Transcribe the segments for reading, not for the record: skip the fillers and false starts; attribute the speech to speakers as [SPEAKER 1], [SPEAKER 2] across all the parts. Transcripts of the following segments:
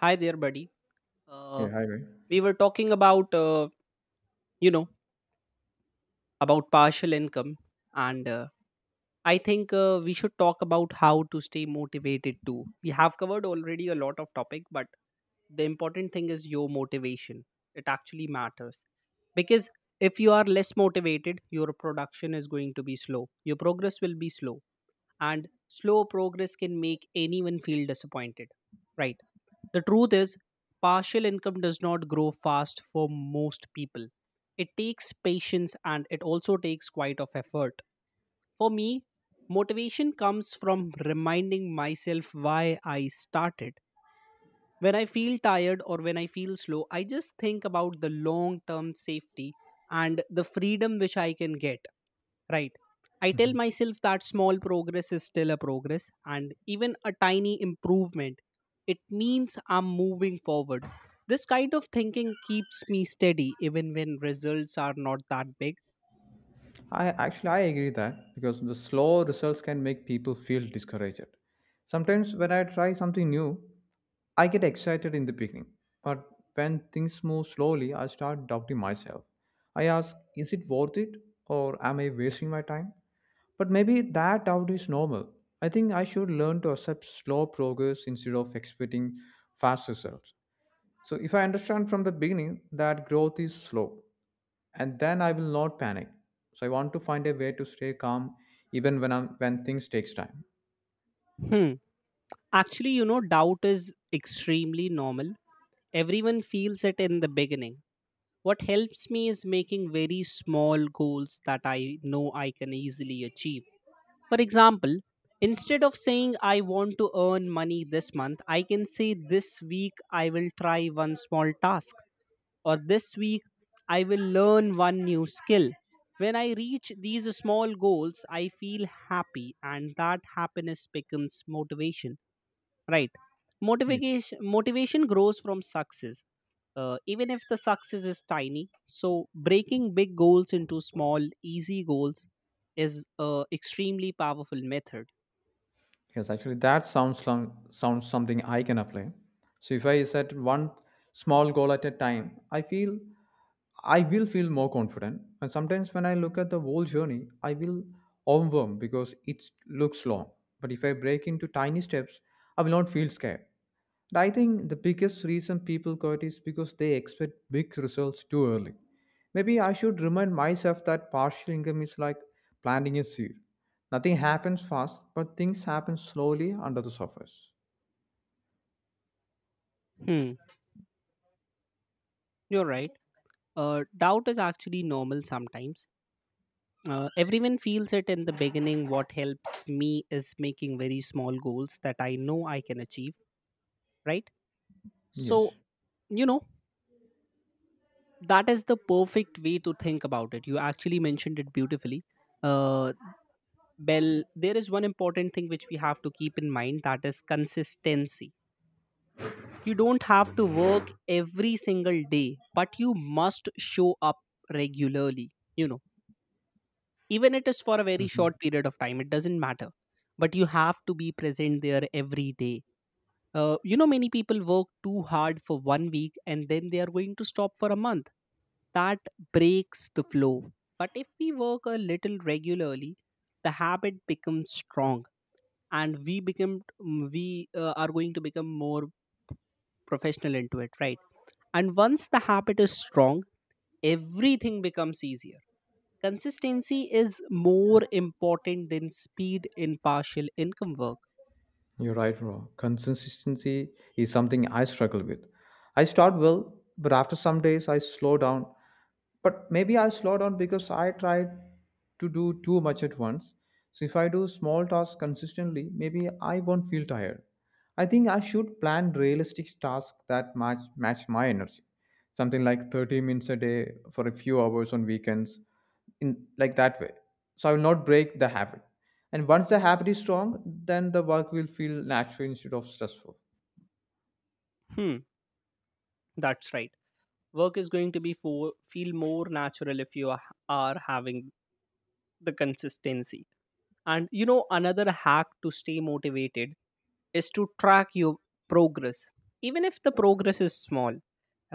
[SPEAKER 1] Hi there, buddy.
[SPEAKER 2] Yeah,
[SPEAKER 1] Uh,
[SPEAKER 2] hi, man.
[SPEAKER 1] we were talking about, you know, about partial income, and I think we should talk about how to stay motivated too. We have covered already a lot of topic, but the important thing is your motivation. It actually matters because if you are less motivated, your production is going to be slow. Your progress will be slow. And slow progress can make anyone feel disappointed, right? The truth is, partial income does not grow fast for most people. It takes patience and it also takes quite of effort. For me, motivation comes from reminding myself why I started. When I feel tired or when I feel slow, I just think about the long term safety and the freedom which I can get. Right. I tell myself that small progress is still a progress, and even a tiny improvement, it means I'm moving forward. This kind of thinking keeps me steady even when results are not that big.
[SPEAKER 2] I agree that because the slow results can make people feel discouraged. Sometimes when I try something new, I get excited in the beginning, but when things move slowly, I start doubting myself. I ask, is it worth it, or am I wasting my time? But maybe that doubt is normal. I think I should learn to accept slow progress instead of expecting fast results. So if I understand from the beginning that growth is slow, and then I will not panic. So I want to find a way to stay calm even when things takes time.
[SPEAKER 1] Hmm. Actually, you know, doubt is extremely normal. Everyone feels it in the beginning. What helps me is making very small goals that I know I can easily achieve. For example, instead of saying I want to earn money this month, I can say this week I will try one small task, or this week I will learn one new skill. When I reach these small goals, I feel happy and that happiness becomes motivation, right?
[SPEAKER 2] Yes.
[SPEAKER 1] Motivation grows from success, even if the success is tiny. So, breaking big goals into small, easy goals is a extremely powerful method.
[SPEAKER 2] Yes, actually, sounds something I can apply. So if I set one small goal at a time, I will feel more confident. And sometimes when I look at the whole journey, I will overwhelmed because it looks long. But if I break into tiny steps, I will not feel scared. I think the biggest reason people quit is because they expect big results too early. Maybe I should remind myself that partial income is like planting a seed. Nothing happens fast, but things happen slowly under the surface.
[SPEAKER 1] Hmm, you're right. Doubt is actually normal sometimes. Everyone feels it in the beginning. What helps me is making very small goals that I know I can achieve, right? So,
[SPEAKER 2] Yes.
[SPEAKER 1] you know, that is the perfect way to think about it. You actually mentioned it beautifully. Uh, Well, there is one important thing which we have to keep in mind that is consistency. You don't have to work every single day, but you must show up regularly. You know, even it is for a very
[SPEAKER 2] Mm-hmm.
[SPEAKER 1] short period of time, it doesn't matter. But you have to be present there every day. You know, many people work too hard for 1 week and then they are going to stop for a month, that breaks the flow. But if we work a little regularly, the habit becomes strong and we become mm, we are going to become more professional into it, right? And once the habit is strong, everything becomes easier. Consistency is more important than speed in partial income work.
[SPEAKER 2] You're right, bro. Consistency is something I struggle with. I start well, but after some days I slow down. But maybe I slow down because I try to do too much at once. So if I do small tasks consistently, maybe I won't feel tired. I think I should plan realistic tasks that match my energy. Something like 30 minutes a day for a few hours on weekends in like that way, so I will not break the habit. And once the habit is strong, then the work will feel natural instead of stressful.
[SPEAKER 1] Hmm, that's right. work is going to be for, Feel more natural if you are having the consistency. And you know, another hack to stay motivated is to track your progress. Even if the progress is small,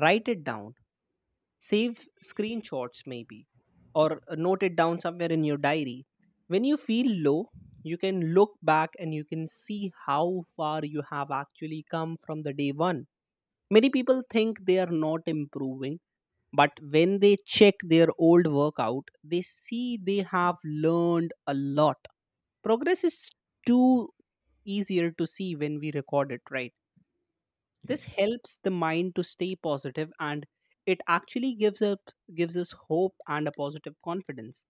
[SPEAKER 1] write it down. Save screenshots maybe, or note it down somewhere in your diary. When you feel low, you can look back and you can see how far you have actually come from the day one. Many people think they are not improving, but when they check their old workout, they see they have learned a lot. Progress is too easier to see when we record it, right? This
[SPEAKER 2] Yes.
[SPEAKER 1] helps the mind to stay positive and it actually gives us hope and a positive confidence.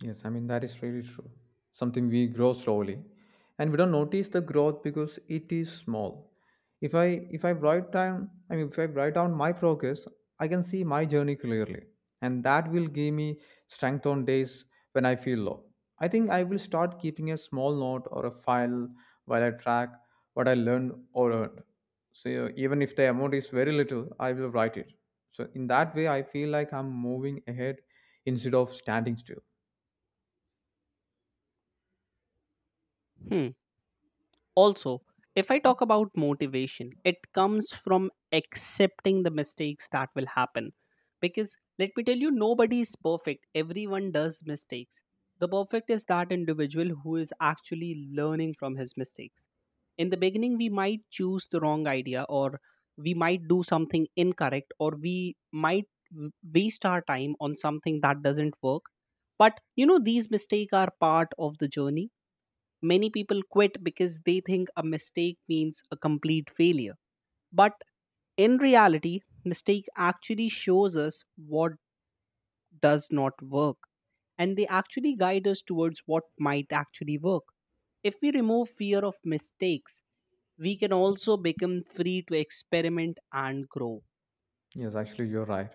[SPEAKER 2] Yes, I mean, that is really true. Something we grow slowly and we don't notice the growth because it is small. If I write down I mean if I write down my progress, I can see my journey clearly. And that will give me strength on days when I feel low. I think I will start keeping a small note or a file while I track what I learned or earned. So even if the amount is very little, I will write it. So in that way I feel like I'm moving ahead instead of standing still.
[SPEAKER 1] Hmm. Also, if I talk about motivation, it comes from accepting the mistakes that will happen. Because let me tell you, nobody is perfect, everyone does mistakes. The perfect is that individual who is actually learning from his mistakes. In the beginning, we might choose the wrong idea, or we might do something incorrect, or we might waste our time on something that doesn't work. But you know, these mistakes are part of the journey. Many people quit because they think a mistake means a complete failure. But in reality, mistake actually shows us what does not work, and they actually guide us towards what might actually work. If we remove fear of mistakes, we can also become free to experiment and grow.
[SPEAKER 2] Yes, actually, you're right.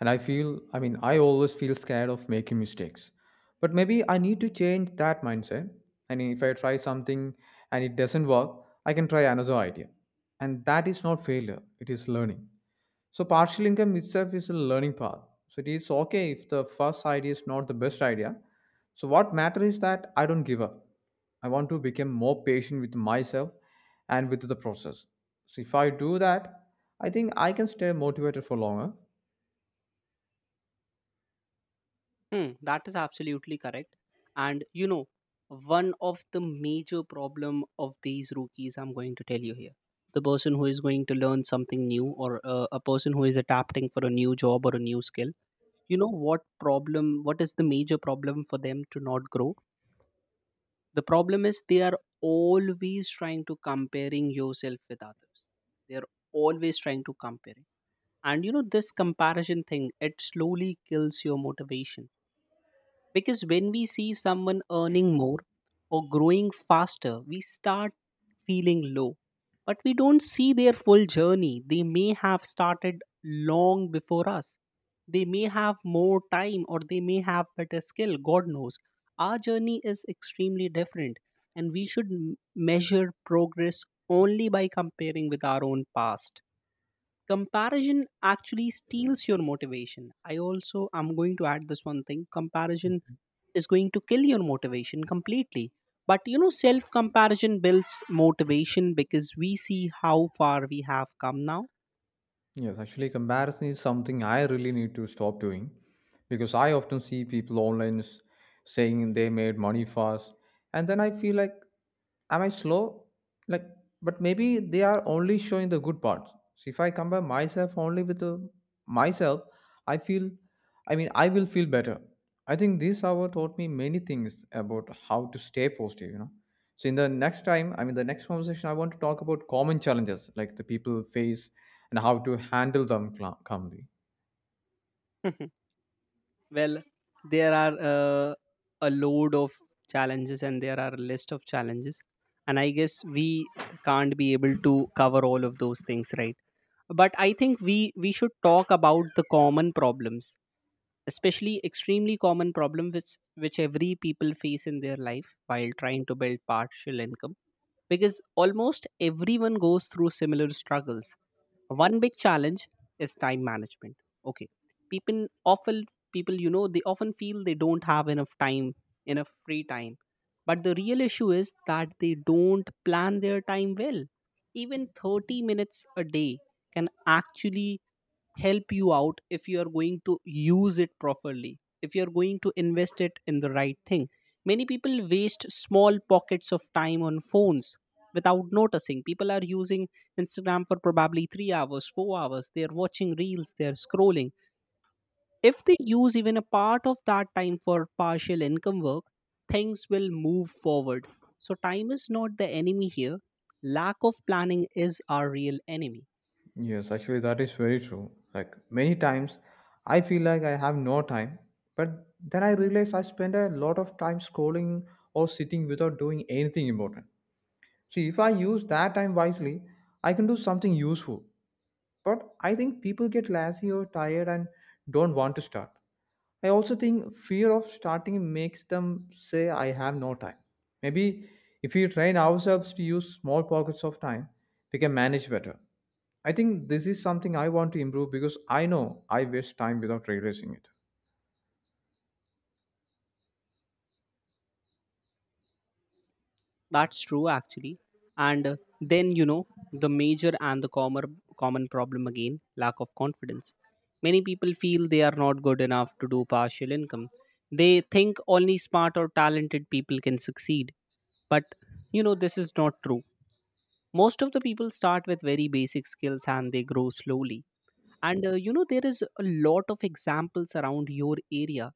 [SPEAKER 2] And I feel, I mean, I always feel scared of making mistakes. But maybe I need to change that mindset. And if I try something and it doesn't work, I can try another idea. And that is not failure, it is learning. So partial income itself is a learning path. So it is okay if the first idea is not the best idea. So what matters is that I don't give up. I want to become more patient with myself and with the process. So if I do that, I think I can stay motivated for longer.
[SPEAKER 1] Hmm, that is absolutely correct. And you know, one of the major problem of these rookies, I'm going to tell you here, the person who is going to learn something new or a person who is adapting for a new job or a new skill, you know what problem? What is the major problem for them to not grow? The problem is they are always trying to comparing yourself with others. They are always trying to compare, and you know this comparison thing. It slowly kills your motivation because when we see someone earning more or growing faster, we start feeling low. But we don't see their full journey. They may have started long before us. They may have more time or they may have better skill, God knows. Our journey is extremely different, and we should measure progress only by comparing with our own past. Comparison actually steals your motivation. I also am going to add this one thing, comparison is going to kill your motivation completely. But you know, self comparison builds motivation because we see how far we have come now.
[SPEAKER 2] Yes, actually, comparison is something I really need to stop doing because I often see people online saying they made money fast, and then I feel like, am I slow? Like, but maybe they are only showing the good parts. So if I compare myself only with myself, I feel, I will feel better. I think this hour taught me many things about how to stay positive, So in the next time, I mean the next conversation, I want to talk about common challenges like the people face and how to handle them calmly.
[SPEAKER 1] Well, there are a load of challenges and there are a list of challenges. And I guess we can't be able to cover all of those things, right? But I think we should talk about the common problems, especially extremely common problem which every people face in their life while trying to build partial income, because almost everyone goes through similar struggles. One big challenge is time management. Okay. People often People, you know, they often feel they don't have enough time, enough free time. But the real issue is that they don't plan their time well. Even 30 minutes a day can actually help you out if you are going to use it properly, if you are going to invest it in the right thing. Many people waste small pockets of time on phones without noticing. People are using Instagram for probably 3 hours, 4 hours, they are watching reels, they are scrolling. If they use even a part of that time for partial income work, things will move forward. So time is not the enemy here, lack of planning is our real enemy.
[SPEAKER 2] Yes, actually that is very true. Like many times, I feel like I have no time, but then I realize I spend a lot of time scrolling or sitting without doing anything important. See, if I use that time wisely, I can do something useful. But I think people get lazy or tired and don't want to start. I also think fear of starting makes them say, I have no time. Maybe if we train ourselves to use small pockets of time, we can manage better. I think this is something I want to improve because I know I waste time without realizing it.
[SPEAKER 1] That's true, actually. And then, you know, the major and the common problem again, lack of confidence. Many people feel they are not good enough to do partial income. They think only smart or talented people can succeed. But, you know, this is not true. Most of the people start with very basic skills and they grow slowly. And, you know, there is a lot of examples around your area.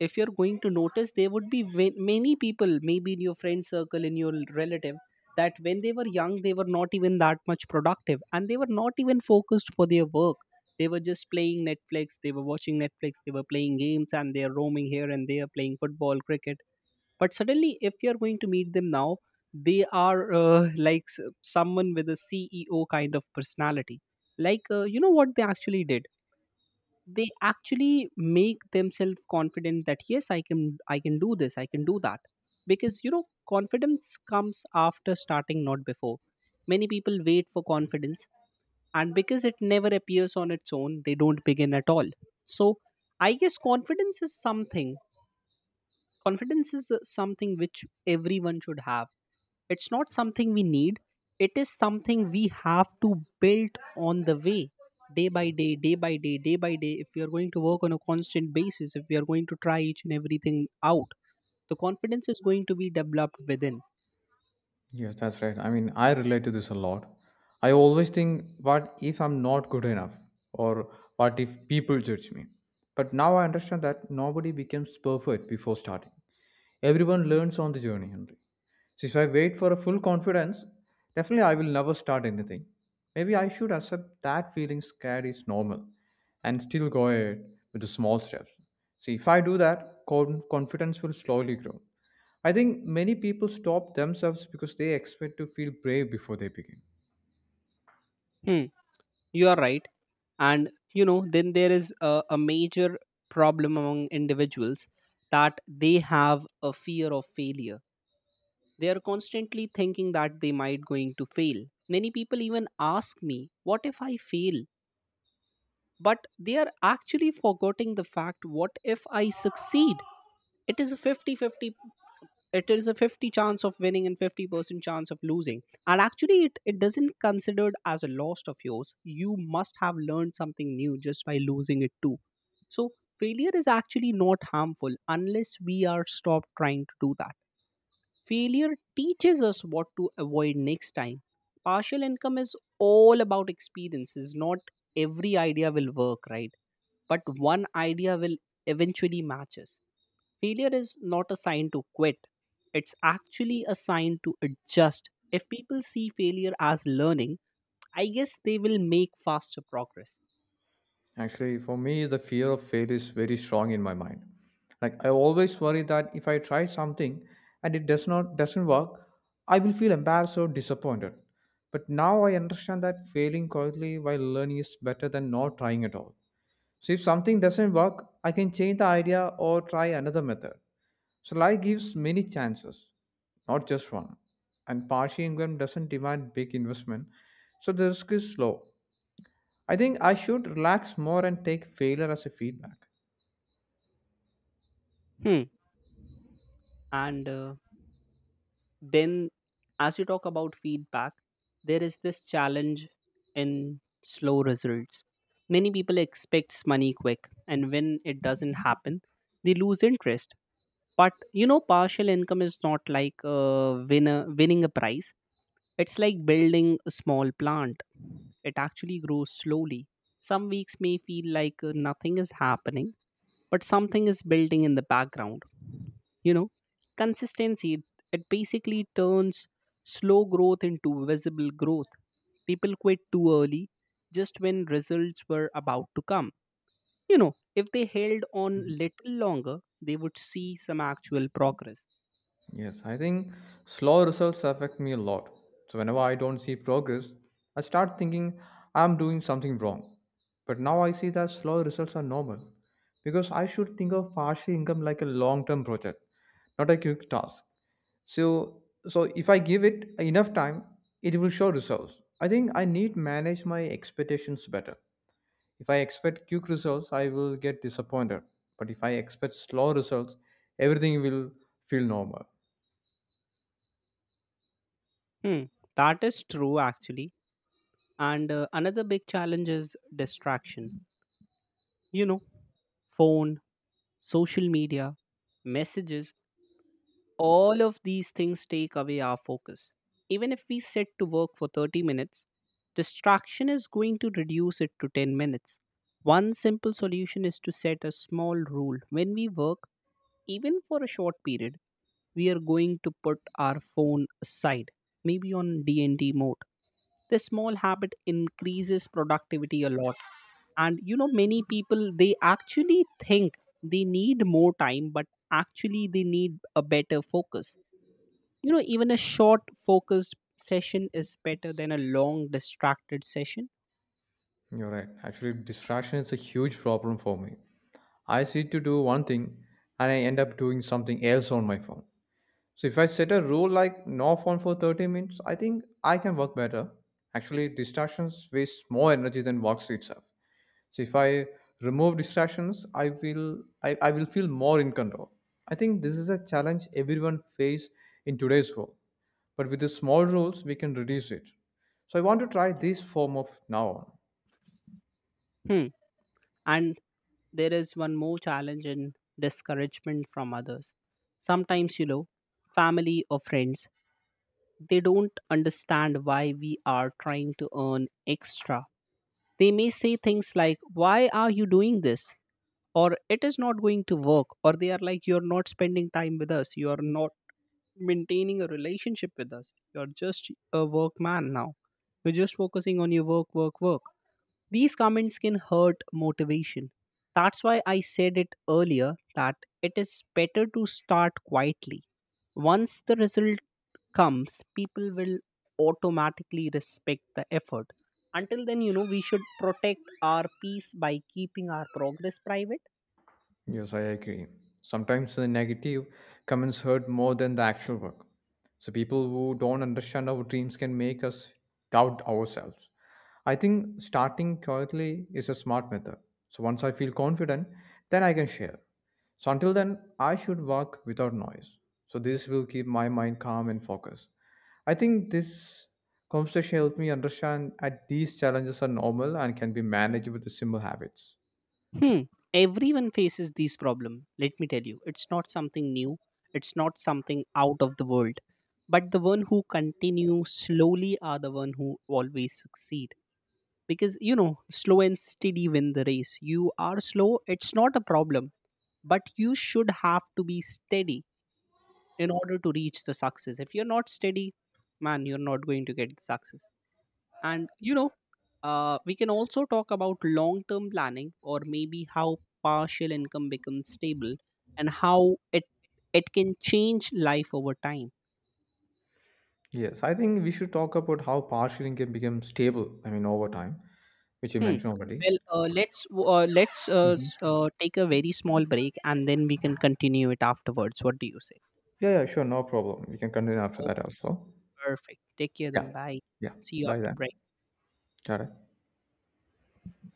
[SPEAKER 1] If you're going to notice, there would be many people maybe in your friend circle, in your relative, that when they were young they were not even that much productive and they were not even focused for their work. They were just playing Netflix, they were watching Netflix, they were playing games and they are roaming here and they are playing football, cricket. But suddenly if you're going to meet them now, they are like someone with a CEO kind of personality. Like you know what they actually did, they actually make themselves confident that yes, I can I can do this, I can do that. Because you know, confidence comes after starting, not before. Many people wait for confidence, and because it never appears on its own, they don't begin at all. So I guess confidence is something, confidence is something which everyone should have. It's not something we need, it is something we have to build on the way, day by day, day by day, day by day. If we are going to work on a constant basis, if we are going to try each and everything out, the confidence is going to be developed within.
[SPEAKER 2] Yes, that's right. I mean, I relate to this a lot. I always think, what if I'm not good enough? Or what if people judge me? But now I understand that nobody becomes perfect before starting. Everyone learns on the journey, Henry. So if I wait for a full confidence, definitely I will never start anything. Maybe I should accept that feeling scared is normal and still go ahead with the small steps. See, if I do that, confidence will slowly grow. I think many people stop themselves because they expect to feel brave before they begin.
[SPEAKER 1] Hmm, you are right. And, you know, then there is a major problem among individuals, that they have a fear of failure. They are constantly thinking that they might going to fail. Many people even ask me, what if I fail? But they are actually forgetting the fact, what if I succeed? It is a 50-50. It is a 50 chance of winning and 50% chance of losing, and actually it doesn't considered as a loss of yours. You must have learned something new just by losing it too. So failure is actually not harmful unless we are stopped trying to do that. Failure teaches us what to avoid next time. Partial income is all about experiences. Not every idea will work, right? But one idea will eventually match us. Failure is not a sign to quit. It's actually a sign to adjust. If people see failure as learning, I guess they will make faster progress.
[SPEAKER 2] Actually, for me, the fear of failure is very strong in my mind. Like I always worry that if I try something and it doesn't work, I will feel embarrassed or disappointed. But now I understand that failing quietly while learning is better than not trying at all. So if something doesn't work, I can change the idea or try another method. So life gives many chances, not just one. And partial income doesn't demand big investment, so the risk is low. I think I should relax more and take failure as a feedback.
[SPEAKER 1] Hmm. And then, as you talk about feedback, there is this challenge in slow results. Many people expect money quick, and when it doesn't happen, they lose interest. But you know, partial income is not like winning a prize. It's like building a small plant. It actually grows slowly. Some weeks may feel like nothing is happening, but something is building in the background. You know, consistency it, it basically turns slow growth into visible growth. People quit too early, just when results were about to come. You know, if they held on little longer, they would see some actual progress.
[SPEAKER 2] Yes, I think slow results affect me a lot. So whenever I don't see progress, I start thinking I'm doing something wrong. But now I see that slow results are normal because I should think of partial income like a long-term project, not a quick task. So if I give it enough time, it will show results. I think I need manage my expectations better. If I expect quick results, I will get disappointed. But if I expect slow results, everything will feel normal.
[SPEAKER 1] Hmm, that is true actually. And another big challenge is distraction. You know, phone, social media, messages, all of these things take away our focus. Even if we sit to work for 30 minutes, distraction is going to reduce it to 10 minutes. One simple solution is to set a small rule. When we work, even for a short period, we are going to put our phone aside, maybe on DND mode. This small habit increases productivity a lot. And you know, many people they actually think they need more time, but actually they need a better focus. You know, even a short focused session is better than a long distracted session.
[SPEAKER 2] You're right. Actually, distraction is a huge problem for me. I sit to do one thing and I end up doing something else on my phone. So if I set a rule like no phone for 30 minutes, I think I can work better. Actually, distractions waste more energy than works itself. So if I remove distractions, I will feel more in control. I think this is a challenge everyone face in today's world. But with the small rules, we can reduce it. So I want to try this form of now on.
[SPEAKER 1] Hmm. And there is one more challenge in discouragement from others. Sometimes, you know, family or friends, they don't understand why we are trying to earn extra. They may say things like, "Why are you doing this?" Or, "It is not going to work." Or they are like, "You're not spending time with us. You're not maintaining a relationship with us. You're just a work man now. You're just focusing on your work, work, work." These comments can hurt motivation. That's why I said it earlier, that it is better to start quietly. Once the result comes, people will automatically respect the effort. Until then, you know, we should protect our peace by keeping our progress private.
[SPEAKER 2] Yes, I agree. Sometimes the negative comments hurt more than the actual work. So people who don't understand our dreams can make us doubt ourselves. I think starting quietly is a smart method. So once I feel confident, then I can share. So until then, I should work without noise. So this will keep my mind calm and focused. I think this conversation helped me understand that these challenges are normal and can be managed with the simple habits.
[SPEAKER 1] Hmm. Everyone faces these problem. Let me tell you, it's not something new. It's not something out of the world. But the one who continue slowly are the one who always succeed. Because you know, slow and steady win the race. You are slow, it's not a problem. But you should have to be steady in order to reach the success. If you're not steady, man, you're not going to get the success. And you know, we can also talk about long term planning, or maybe how partial income becomes stable and how it can change life over time.
[SPEAKER 2] Yes, I think we should talk about how partial can become stable, I mean, over time, which you
[SPEAKER 1] Hmm.
[SPEAKER 2] mentioned already.
[SPEAKER 1] Well, let's w- let's
[SPEAKER 2] Mhm.
[SPEAKER 1] s- take a very small break and then we can continue it afterwards. What do you say?
[SPEAKER 2] Yeah, yeah, sure, no problem. We can continue after that
[SPEAKER 1] Okay,
[SPEAKER 2] also.
[SPEAKER 1] perfect. Take care
[SPEAKER 2] Yeah,
[SPEAKER 1] then, bye.
[SPEAKER 2] yeah,
[SPEAKER 1] See you
[SPEAKER 2] bye
[SPEAKER 1] after
[SPEAKER 2] then.
[SPEAKER 1] break.
[SPEAKER 2] Got it.